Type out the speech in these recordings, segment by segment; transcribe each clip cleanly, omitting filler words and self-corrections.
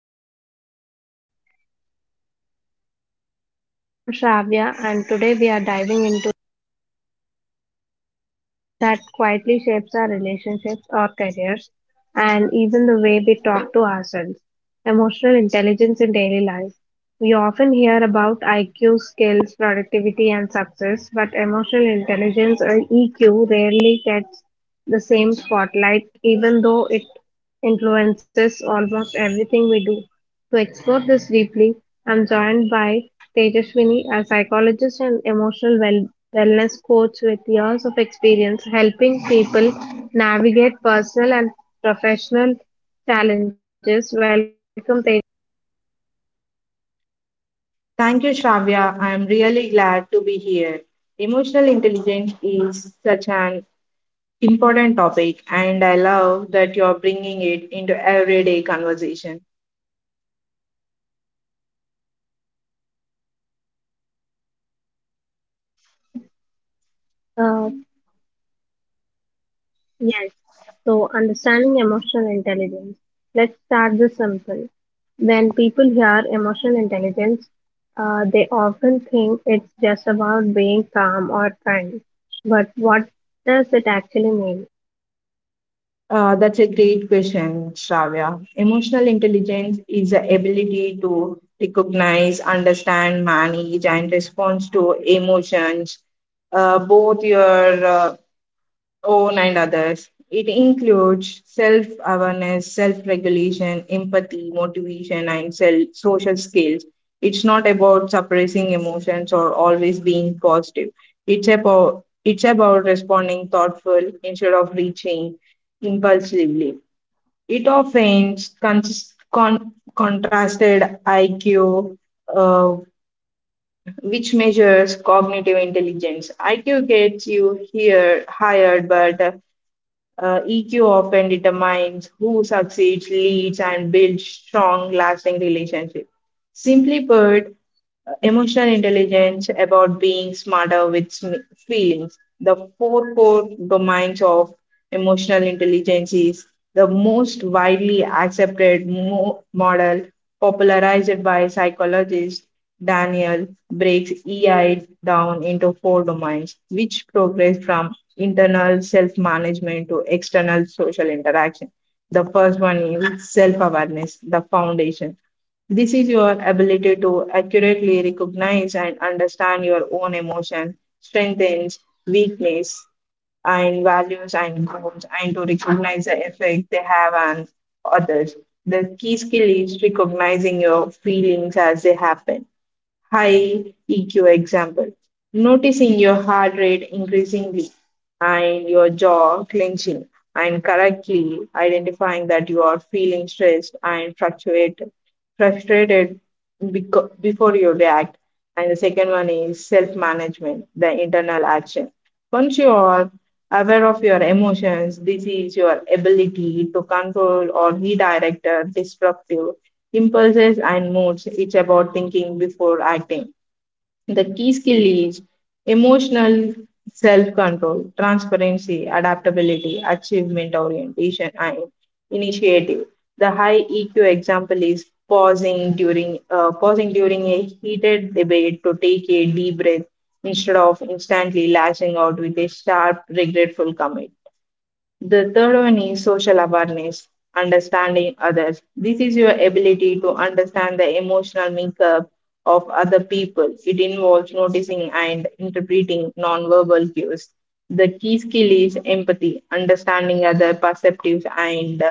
back to the podcast. I'm Shravya, and today we are diving into that quietly shapes our relationships, our careers, and even the way we talk to ourselves emotional intelligence in daily life. We often hear about IQ, skills, productivity, and success, but emotional intelligence or EQ rarely gets the same spotlight, even though it influences almost everything we do. To explore this deeply, I'm joined by Tejaswini, a psychologist and emotional wellness coach with years of experience helping people navigate personal and professional challenges. Welcome, Tej. Thank you, Shravya. I am really glad to be here. Emotional intelligence is such an important topic, and I love that you're bringing it into everyday conversation. Yes. So, understanding emotional intelligence. Let's start this simple. When people hear emotional intelligence, they often think it's just about being calm or kind. But what does it actually mean? That's a great question, Shravya. Emotional intelligence is the ability to recognize, understand, manage, and respond to emotions, both your own and others. It includes self awareness, self regulation, empathy, motivation, and social skills. It's not about suppressing emotions or always being positive. It's about responding thoughtful instead of reaching impulsively. It often contrasted IQ, uh, which measures cognitive intelligence. IQ gets you here hired, but EQ often determines who succeeds, leads, and builds strong, lasting relationships. Simply put, emotional intelligence about being smarter with feelings. The four core domains of emotional intelligence is the most widely accepted model popularized by psychologist Daniel breaks EI down into four domains, which progress from internal self management to external social interaction. The first one is self awareness, the foundation. This is your ability to accurately recognize and understand your own emotion, strengths, weakness, and values and goals, and to recognize the effect they have on others. The key skill is recognizing your feelings as they happen. High EQ example, noticing your heart rate increasingly and your jaw clenching, and correctly identifying that you are feeling stressed and fluctuated, frustrated before you react. And the second one is self management, the internal action. Once you are aware of your emotions, this is your ability to control or redirect a disruptive impulses, and moods. It's about thinking before acting. The key skill is emotional self control, transparency, adaptability, achievement orientation, and initiative. The high EQ example is pausing during a heated debate to take a deep breath instead of instantly lashing out with a sharp, regretful comment. The third one is social awareness, understanding others. This is your ability to understand the emotional makeup of other people. It involves noticing and interpreting non-verbal cues. The key skill is empathy, understanding other perceptives and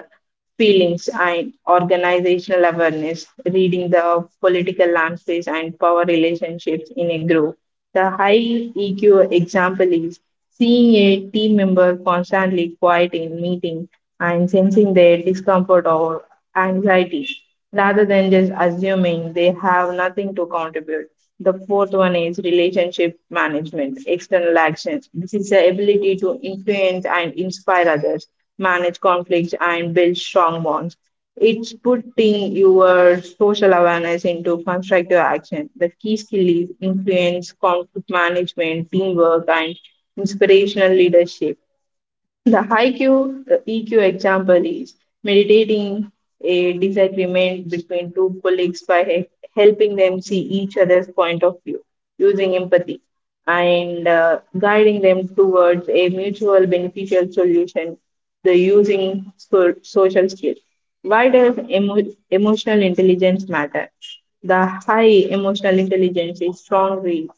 feelings and organizational awareness, reading the political landscapes and power relationships in a group. The high EQ example is seeing a team member constantly quiet in meeting and sensing their discomfort or anxiety rather than just assuming they have nothing to contribute. The fourth one is relationship management, external actions. This is the ability to influence and inspire others, manage conflicts, and build strong bonds. It's putting your social awareness into constructive action. The key skill is influence, conflict management, teamwork, and inspirational leadership. The EQ example is mediating a disagreement between two colleagues by helping them see each other's point of view using empathy and guiding them towards a mutual beneficial solution. The using social skills. Why does emotional intelligence matter? The high emotional intelligence is strongly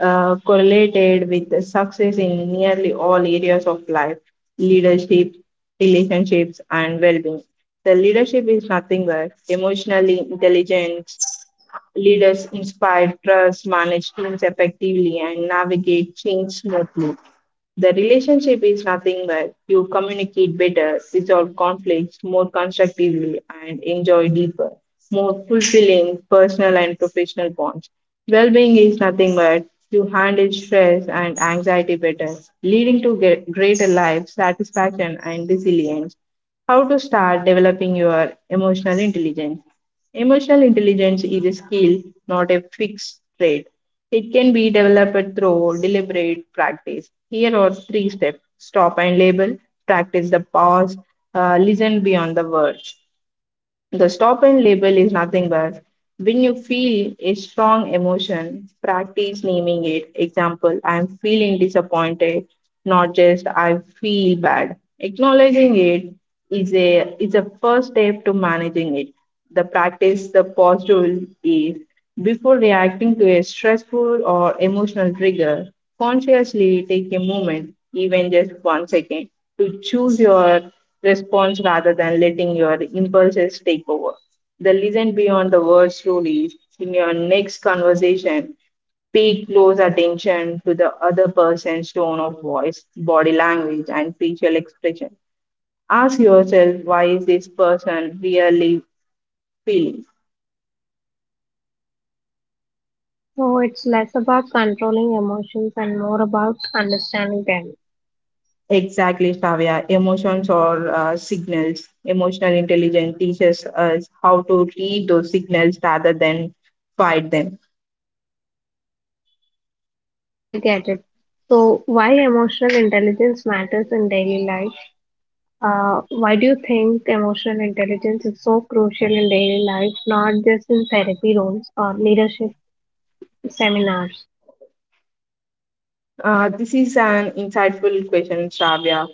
correlated with the success in nearly all areas of life: leadership, relationships, and well being. The leadership is nothing but emotionally intelligent leaders inspire, trust, manage teams effectively, and navigate change smoothly. The relationship is nothing but you communicate better, resolve conflicts more constructively, and enjoy deeper, more fulfilling personal and professional bonds. Well being is nothing but you handle stress and anxiety better, leading to greater life satisfaction and resilience. How to start developing your emotional intelligence. Emotional intelligence is a skill, not a fixed trait. It can be developed through deliberate practice. Here are three steps: stop and label, practice the pause, listen beyond the words. The stop and label is nothing but when you feel a strong emotion, practice naming it. Example, I am feeling disappointed, not just I feel bad. Acknowledging it is a first step to managing it. The practice the pause rule is before reacting to a stressful or emotional trigger, consciously take a moment, even just 1 second, to choose your response rather than letting your impulses take over. The listen beyond the words rule is in your next conversation, pay close attention to the other person's tone of voice, body language, and facial expression. Ask yourself, why is this person really feeling? So, it's less about controlling emotions and more about understanding them. Exactly, Shravya. Emotions or signals. Emotional intelligence teaches us how to read those signals rather than fight them. I get it. So, why emotional intelligence matters in daily life? Why do you think emotional intelligence is so crucial in daily life, not just in therapy rooms or leadership seminars? This is an insightful question, Shravya,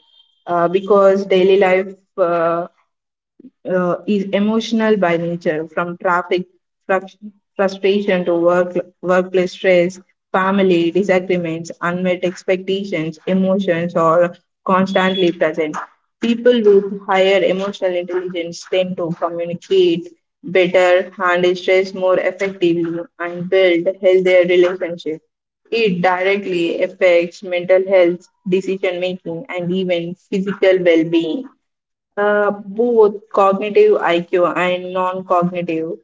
because daily life is emotional by nature, from traffic frus- frustration to workplace stress, family disagreements, unmet expectations, emotions are constantly present. People with higher emotional intelligence tend to communicate better, handle stress more effectively, and build healthier relationships. It directly affects mental health, decision making, and even physical well being. Both cognitive IQ and non cognitive,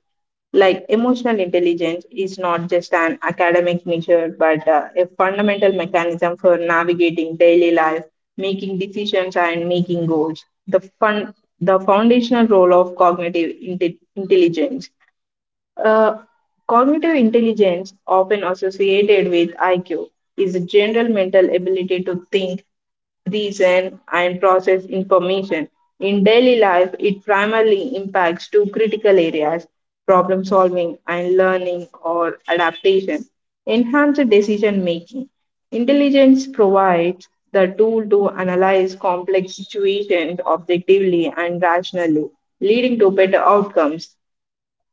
like emotional intelligence, is not just an academic measure but a fundamental mechanism for navigating daily life, making decisions, and making goals. The foundational role of cognitive intelligence. uh, Cognitive intelligence, often associated with IQ, is a general mental ability to think, reason, and process information. In daily life, it primarily impacts two critical areas: problem solving and learning or adaptation. Enhanced decision making. Intelligence provides the tool to analyze complex situations objectively and rationally, leading to better outcomes.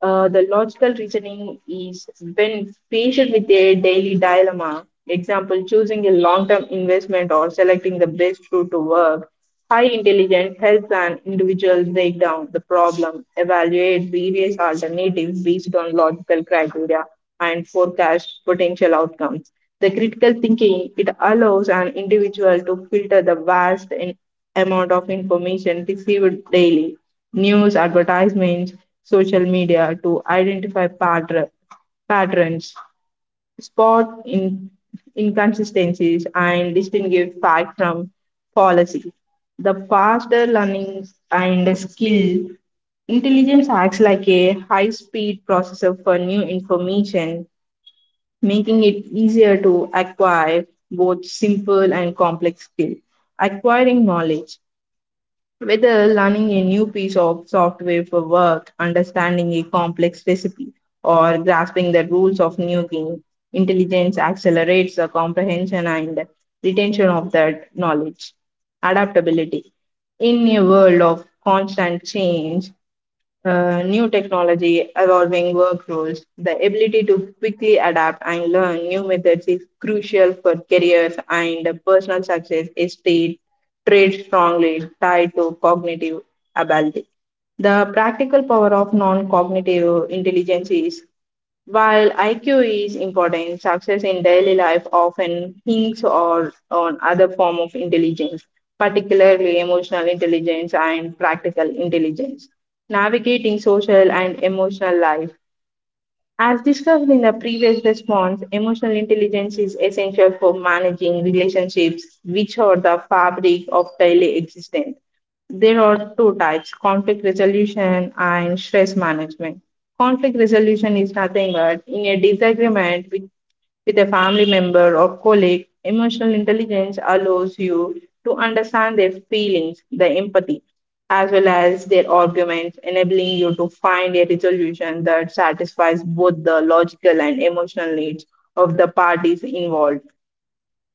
The logical reasoning is when faced with a daily dilemma, example, choosing a long term investment or selecting the best route to work, high intelligence helps an individual break down the problem, evaluate various alternatives based on logical criteria, and forecast potential outcomes. The critical thinking, it allows an individual to filter the vast amount of information received daily: news, advertisements, social media to identify patterns, spot inconsistencies, and distinguish fact from policy. The faster learning and skill intelligence acts like a high speed processor for new information, making it easier to acquire both simple and complex skills. Acquiring knowledge. Whether learning a new piece of software for work, understanding a complex recipe, or grasping the rules of new game, intelligence accelerates the comprehension and retention of that knowledge. Adaptability. In a world of constant change, new technology, evolving work roles, the ability to quickly adapt and learn new methods is crucial for careers and personal success is state traits strongly tied to cognitive ability. The practical power of non-cognitive intelligence is while IQ is important, success in daily life often hinges or on other form of intelligence, particularly emotional intelligence and practical intelligence. Navigating social and emotional life. As discussed in the previous response, emotional intelligence is essential for managing relationships, which are the fabric of daily existence. There are two types: conflict resolution and stress management. Conflict resolution is nothing but in a disagreement with a family member or colleague, emotional intelligence allows you to understand their feelings, the empathy, as well as their arguments, enabling you to find a resolution that satisfies both the logical and emotional needs of the parties involved.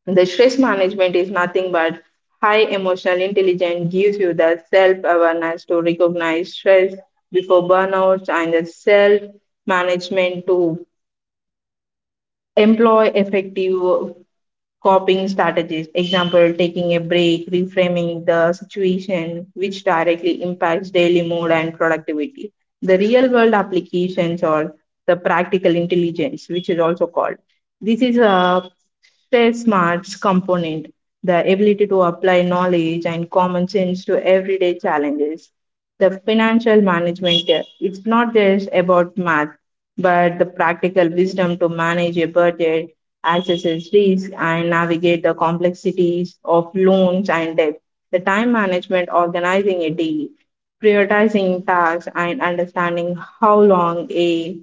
The stress management is nothing but high emotional intelligence gives you the self awareness to recognize stress before burnouts and the self management to employ effective coping strategies. Example, taking a break, reframing the situation, which directly impacts daily mood and productivity. The real world applications or the practical intelligence, which is also called. This is a say smarts component, the ability to apply knowledge and common sense to everyday challenges. The financial management, it's not just about math, but the practical wisdom to manage a budget, access risk, and navigate the complexities of loans and debt. The time management, organizing a day, prioritizing tasks, and understanding how long a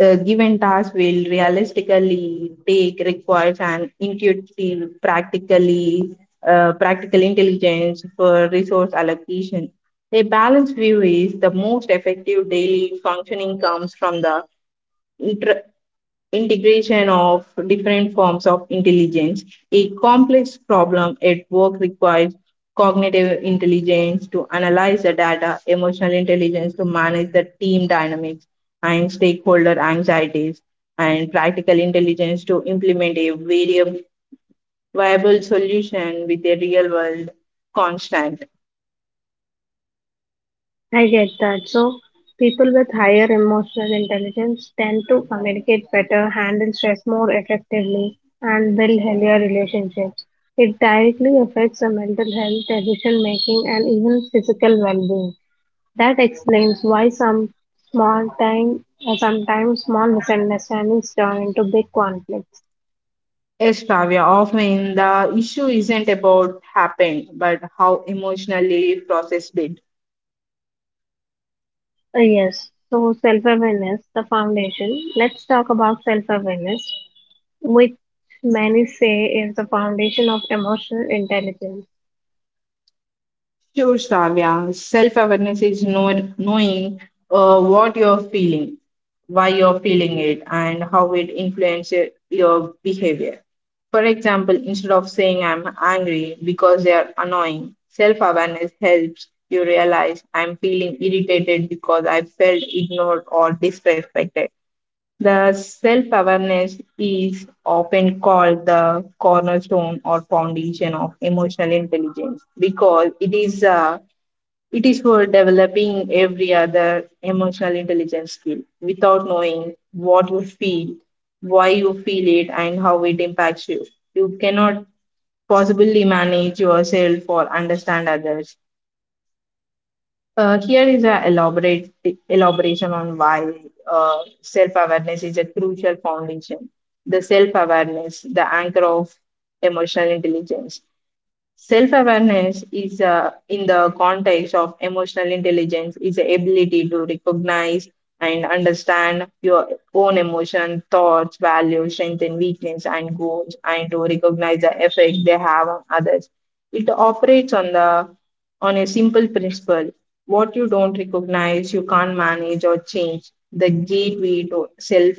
given task will realistically take requires an intuitive, practical intelligence for resource allocation. A balanced view is the most effective daily functioning comes from the inter- integration of different forms of intelligence. A complex problem at work requires cognitive intelligence to analyze the data, emotional intelligence to manage the team dynamics and stakeholder anxieties, and practical intelligence to implement a variable viable solution with a real world constant. I get that. So, people with higher emotional intelligence tend to communicate better, handle stress more effectively, and build healthier relationships. It directly affects the mental health, decision making, and even physical well being. That explains why some small time, sometimes small misunderstandings turn into big conflicts. Yes, Travia, often the issue isn't about happened, but how emotionally processed it. Yes, so self awareness, the foundation. Let's talk about self awareness, which many say is the foundation of emotional intelligence. Sure, Shravya. Self awareness is knowing what you're feeling, why you're feeling it, and how it influences your behavior. For example, instead of saying I'm angry because they are annoying, self awareness helps you realize I'm feeling irritated because I felt ignored or disrespected. The self awareness is often called the cornerstone or foundation of emotional intelligence because it is for developing every other emotional intelligence skill without knowing what you feel, why you feel it, and how it impacts you. You cannot possibly manage yourself or understand others. Here is a elaborate elaboration on why self-awareness is a crucial foundation. The self-awareness, the anchor of emotional intelligence. Self awareness is, in the context of emotional intelligence, is the ability to recognize and understand your own emotion, thoughts, values, strength, and weakness, and goals, and to recognize the effect they have on others. It operates on the on a simple principle: what you don't recognize, you can't manage or change. The gateway to self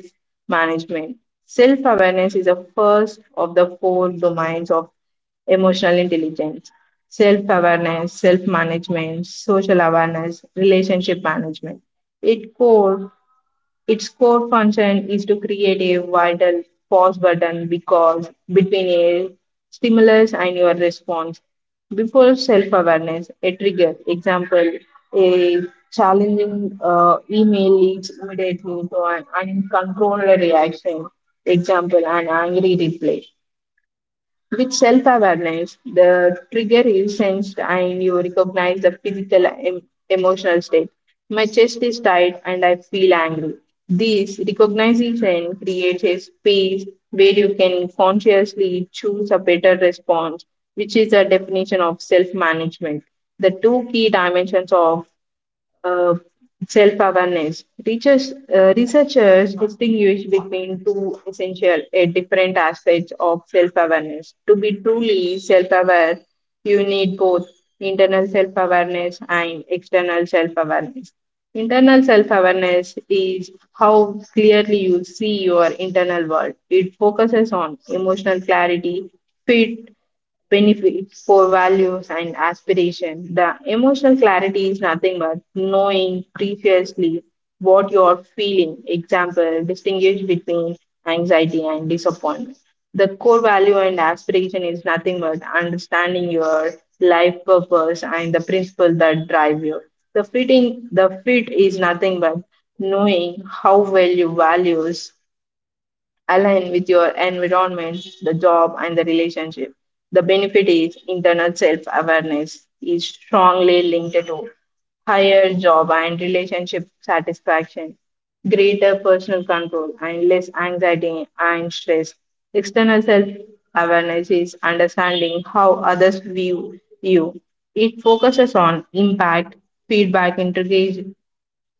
management. Self awareness is the first of the four domains of emotional intelligence: self awareness, self management, social awareness, relationship management. It core, its core function is to create a vital pause button because between a stimulus and your response. Before self awareness, a trigger, example, a challenging email leads immediately to an uncontrolled reaction, example, an angry reply. With self awareness, the trigger is sensed and you recognize the emotional state. My chest is tight and I feel angry. This recognition creates a space where you can consciously choose a better response, which is a definition of self management. The two key dimensions of uh, self-awareness. Researchers distinguish between two essential different aspects of self-awareness. To be truly self-aware, you need both internal self-awareness and external self-awareness. Internal self-awareness is how clearly you see your internal world. It focuses on emotional clarity, fit benefits, core values, and aspiration. The emotional clarity is nothing but knowing previously what you're feeling. Example, distinguish between anxiety and disappointment. The core value and aspiration is nothing but understanding your life purpose and the principle that drive you. The fit is nothing but knowing how well you values align with your environment, the job, and the relationship. The benefit is internal self awareness is strongly linked to higher job and relationship satisfaction, greater personal control, and less anxiety and stress. External self awareness is understanding how others view you. It focuses on impact, feedback,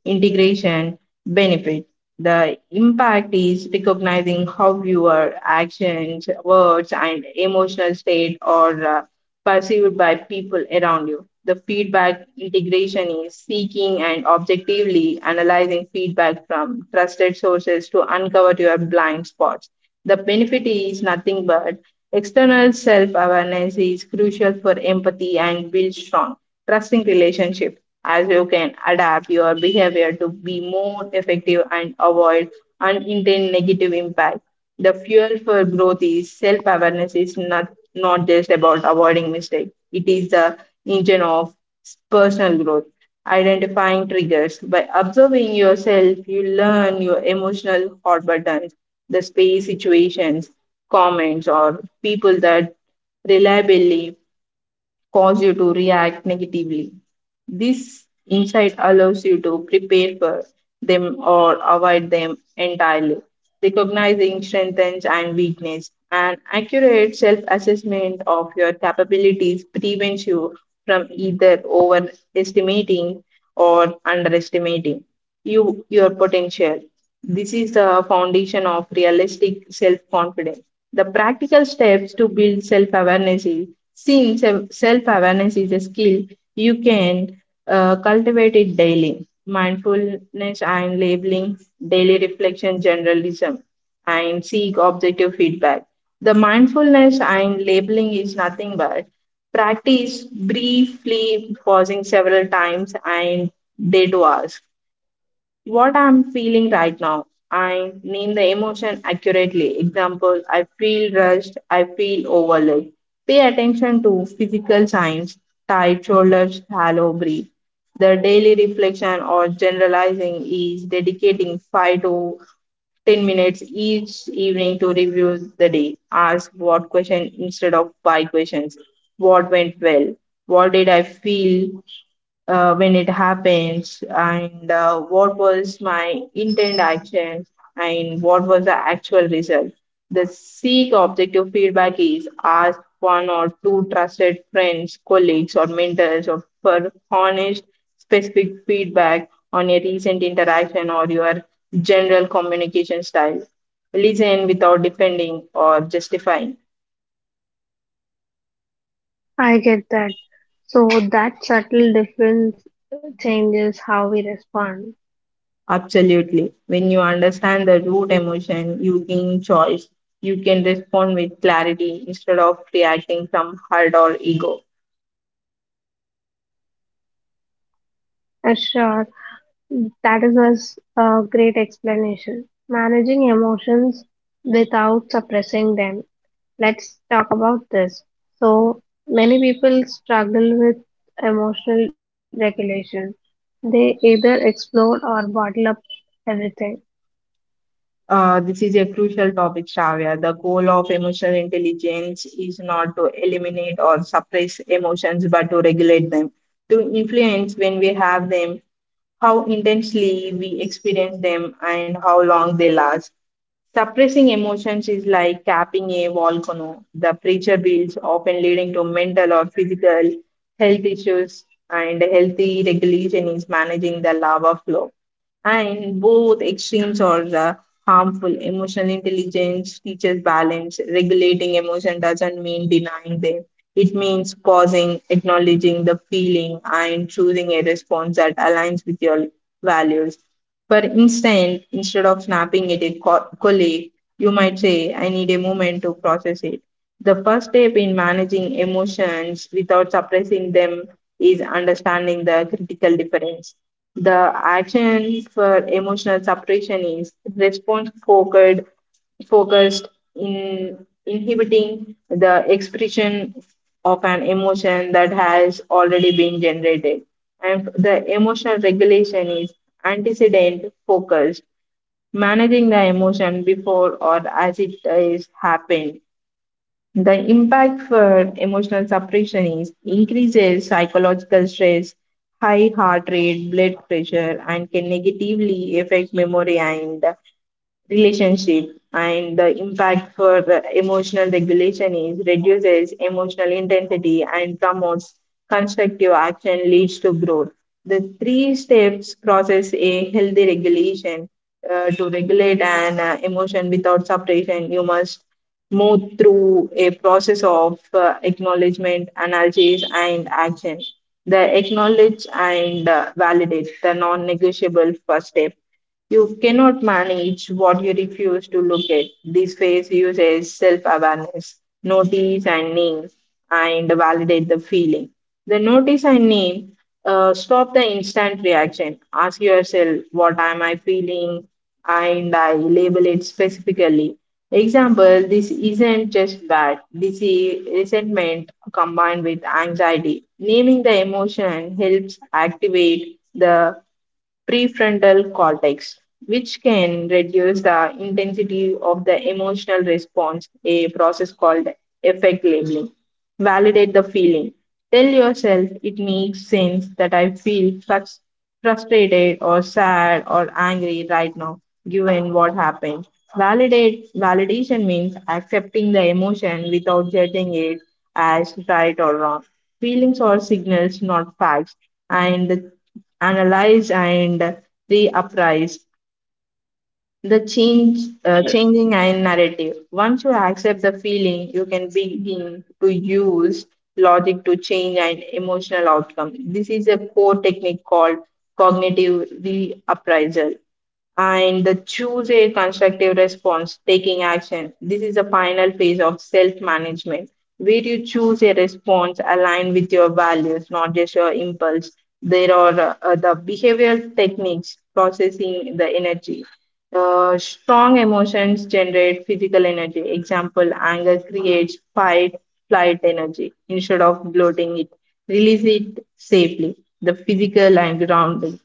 integration benefit. The impact is recognizing how your actions, words, and emotional state are perceived by people around you. The feedback integration is seeking and objectively analyzing feedback from trusted sources to uncover your blind spots. The benefit is nothing but external self awareness is crucial for empathy and build strong, trusting relationships as you can adapt your behavior to be more effective and avoid unintended negative impact. The fuel for growth is self awareness, is not, not just about avoiding mistakes, it is the engine of personal growth. Identifying triggers by observing yourself, you learn your emotional hot buttons, the space situations, comments, or people that reliably cause you to react negatively. This insight allows you to prepare for them or avoid them entirely. Recognizing strengths and weakness. An accurate self assessment of your capabilities prevents you from either overestimating or underestimating your potential. This is the foundation of realistic self confidence. The practical steps to build self awareness is, since self awareness is a skill, you can cultivate it daily. Mindfulness and labeling, daily reflection, generalism, and seek objective feedback. The mindfulness and labeling is nothing but practice briefly pausing several times and they do ask what I'm feeling right now. I name the emotion accurately. Example, I feel rushed, I feel overlooked. Pay attention to physical signs, tight shoulders, shallow breath. The daily reflection or generalizing is dedicating 5 to 10 minutes each evening to review the day. Ask what question instead of why questions. What went well? What did I feel when it happens, and what was my intended action and what was the actual result. The seek objective feedback is ask one or two trusted friends, colleagues, or mentors or for honest, specific feedback on a recent interaction or your general communication style. Listen without defending or justifying. I get that. So, that subtle difference changes how we respond. Absolutely. When you understand the root emotion, you gain choice. You can respond with clarity instead of reacting from hurt or ego. Sure, that is a great explanation. Managing emotions without suppressing them. Let's talk about this. So, many people struggle with emotional regulation. They either explode or bottle up everything. This is a crucial topic, Shravya. The goal of emotional intelligence is not to eliminate or suppress emotions, but to regulate them, to influence when we have them, how intensely we experience them, and how long they last. Suppressing emotions is like capping a volcano. The pressure builds, often leading to mental or physical health issues, and healthy regulation is managing the lava flow. And both extremes are harmful. Emotional intelligence teaches balance. Regulating emotion doesn't mean denying them. It means pausing, acknowledging the feeling, and choosing a response that aligns with your values. For instance, instead of snapping at a colleague, you might say, I need a moment to process it. The first step in managing emotions without suppressing them is understanding the critical difference. The action for emotional suppression is focused in inhibiting the expression of an emotion that has already been generated. And the emotional regulation is antecedent focused, managing the emotion before or as it is happened. The impact for emotional suppression is increases psychological stress, high heart rate, blood pressure, and can negatively affect memory and relationship. And the impact for emotional regulation is reduces emotional intensity and promotes constructive action leads to growth. The three steps process a healthy regulation, to regulate an emotion without suppression. You must move through a process of acknowledgement, analysis, and action. The acknowledge and validate the non negotiable first step. You cannot manage what you refuse to look at. This phase uses self awareness, notice and name, and validate the feeling. The notice I name, stop the instant reaction. Ask yourself, what am I feeling? And I label it specifically. Example, this isn't just bad. This is resentment combined with anxiety. Naming the emotion helps activate the prefrontal cortex, which can reduce the intensity of the emotional response, a process called effect labeling. Validate the feeling. Tell yourself it makes sense that I feel frustrated or sad or angry right now, given what happened. Validate Validation means accepting the emotion without judging it as right or wrong. Feelings are signals, not facts, and analyze and reappraise the change, So, changing and narrative. Once you accept the feeling, you can begin to use logic to change an emotional outcome. This is a core technique called cognitive reappraisal. And the choose a constructive response, taking action. This is the final phase of self management, where you choose a response aligned with your values, not just your impulse. There are the behavioral techniques processing the energy. The strong emotions generate physical energy. Example, anger creates fight flight energy. Instead of bloating it, release it safely. The physical and grounding.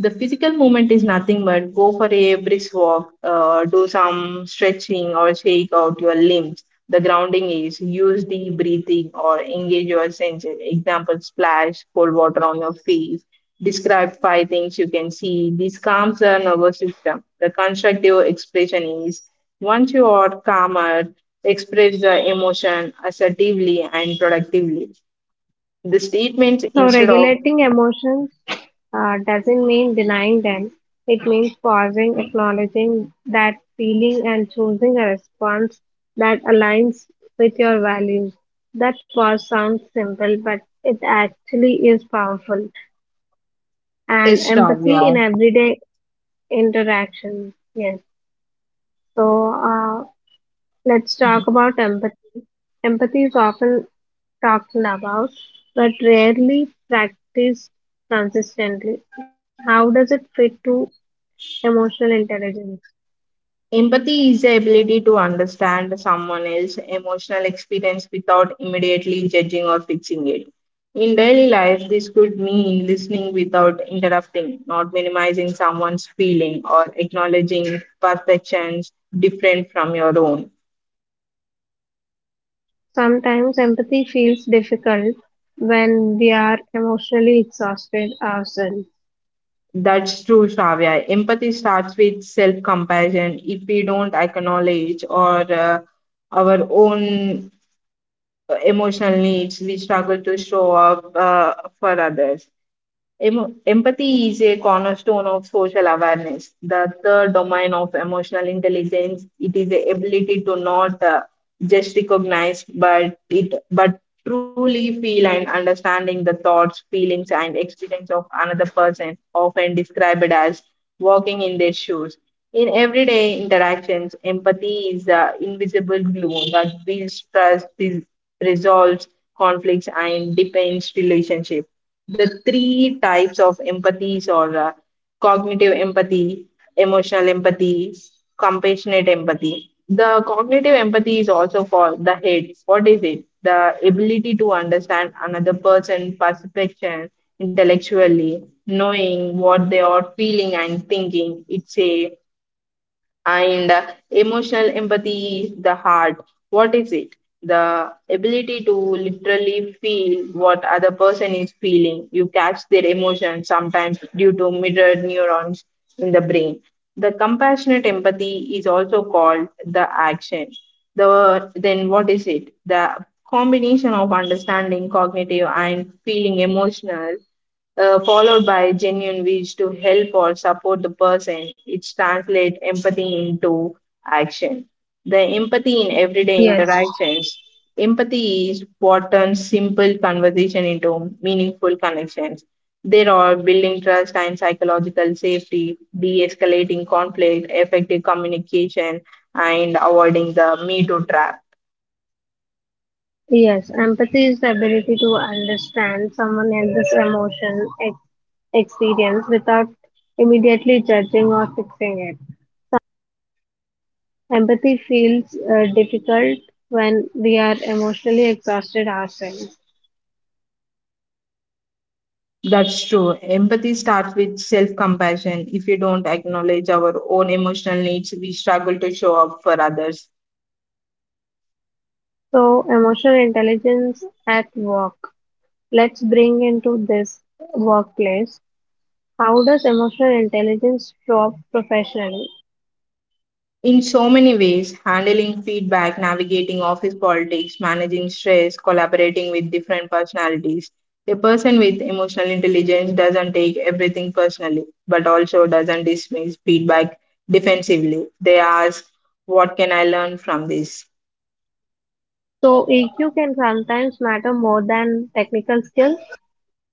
The physical movement is nothing but go for a brisk walk, do some stretching or shake out your limbs. The grounding is use deep breathing or engage your senses. Example, splash cold water on your face. Describe five things you can see. This calms the nervous system. The constructive expression is once you are calmer, express the emotion assertively and productively. The statements so, instead of regulating emotions doesn't mean denying them. It means pausing, acknowledging that feeling, and choosing a response that aligns with your values. That pause sounds simple, but it actually is powerful. And is empathy in Shravya. everyday interaction, yes. So let's talk about empathy. Empathy is often talked about, but rarely practiced consistently. How does it fit to emotional intelligence? Empathy is the ability to understand someone else's emotional experience without immediately judging or fixing it. In daily life, this could mean listening without interrupting, not minimizing someone's feeling, or acknowledging perceptions different from your own. Sometimes empathy feels difficult when we are emotionally exhausted ourselves. That's true, Shravya. Empathy starts with self compassion. If we don't acknowledge or our own emotional needs, we struggle to show up for others. Empathy is a cornerstone of social awareness, the third domain of emotional intelligence. It is the ability to not just recognize, but truly feel and understanding the thoughts, feelings, and experience of another person, often described as walking in their shoes. In everyday interactions, empathy is the invisible glue that builds trust, resolves conflicts, and deepens relationship. The three types of empathies are cognitive empathy, emotional empathy, compassionate empathy. The cognitive empathy is also called the head. What is it? The ability to understand another person's perception intellectually, knowing what they are feeling and thinking. It's a and Emotional empathy is the heart. What is it? The ability to literally feel what other person is feeling. You catch their emotions sometimes due to mirrored neurons in the brain. The compassionate empathy is also called the action. The then what is it? The combination of understanding cognitive and feeling emotional followed by genuine wish to help or support the person, it translates empathy into action. The empathy in everyday Yes. interactions. Empathy is what turns simple conversation into meaningful connections. There are building trust and psychological safety, de escalating conflict, effective communication, and avoiding the me too trap. Yes, empathy is the ability to understand someone else's experience without immediately judging or fixing it. Empathy feels difficult when we are emotionally exhausted ourselves. That's true. Empathy starts with self compassion. If we don't acknowledge our own emotional needs, we struggle to show up for others. So, emotional intelligence at work. Let's bring into this workplace. How does emotional intelligence show up professionally? In so many ways, handling feedback, navigating office politics, managing stress, collaborating with different personalities. A person with emotional intelligence doesn't take everything personally, but also doesn't dismiss feedback defensively. They ask, What can I learn from this? So, EQ can sometimes matter more than technical skills.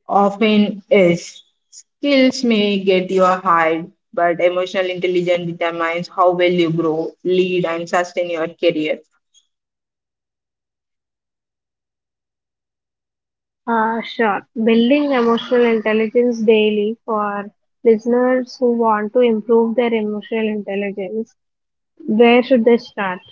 Often is. Skills may get you hired, but emotional intelligence determines how well you grow, lead, and sustain your career. Sure. Building emotional intelligence daily for listeners who want to improve their emotional intelligence. Where should they start?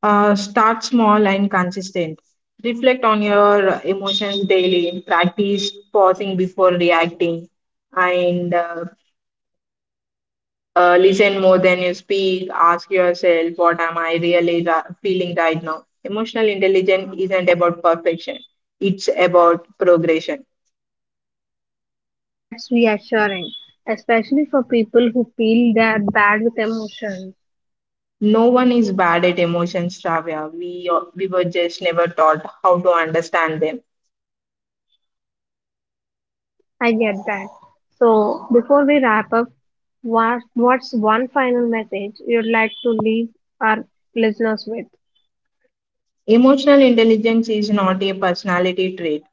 Start small and consistent. Reflect on your emotions daily. Practice pausing before reacting, and listen more than you speak. Ask yourself, "What am I really feeling right now?" Emotional intelligence isn't about perfection; it's about progression. That's reassuring, especially for people who feel they are bad with emotions. No one is bad at emotions, Shravya. We were just never taught how to understand them. I get that. So, before we wrap up, what's one final message you'd like to leave our listeners with? Emotional intelligence is not a personality trait,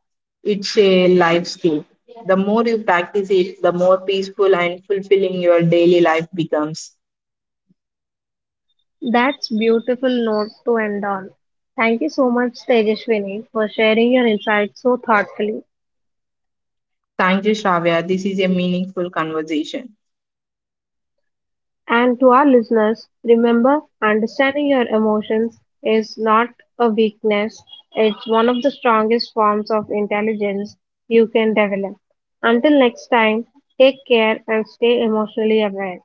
it's a life skill. The more you practice it, the more peaceful and fulfilling your daily life becomes. That's beautiful note to end on. Thank you so much, Tejaswini, for sharing your insights so thoughtfully. Thank you, Shravya. This is a meaningful conversation. And to our listeners, remember, understanding your emotions is not a weakness. It's one of the strongest forms of intelligence you can develop. Until next time, take care and stay emotionally aware.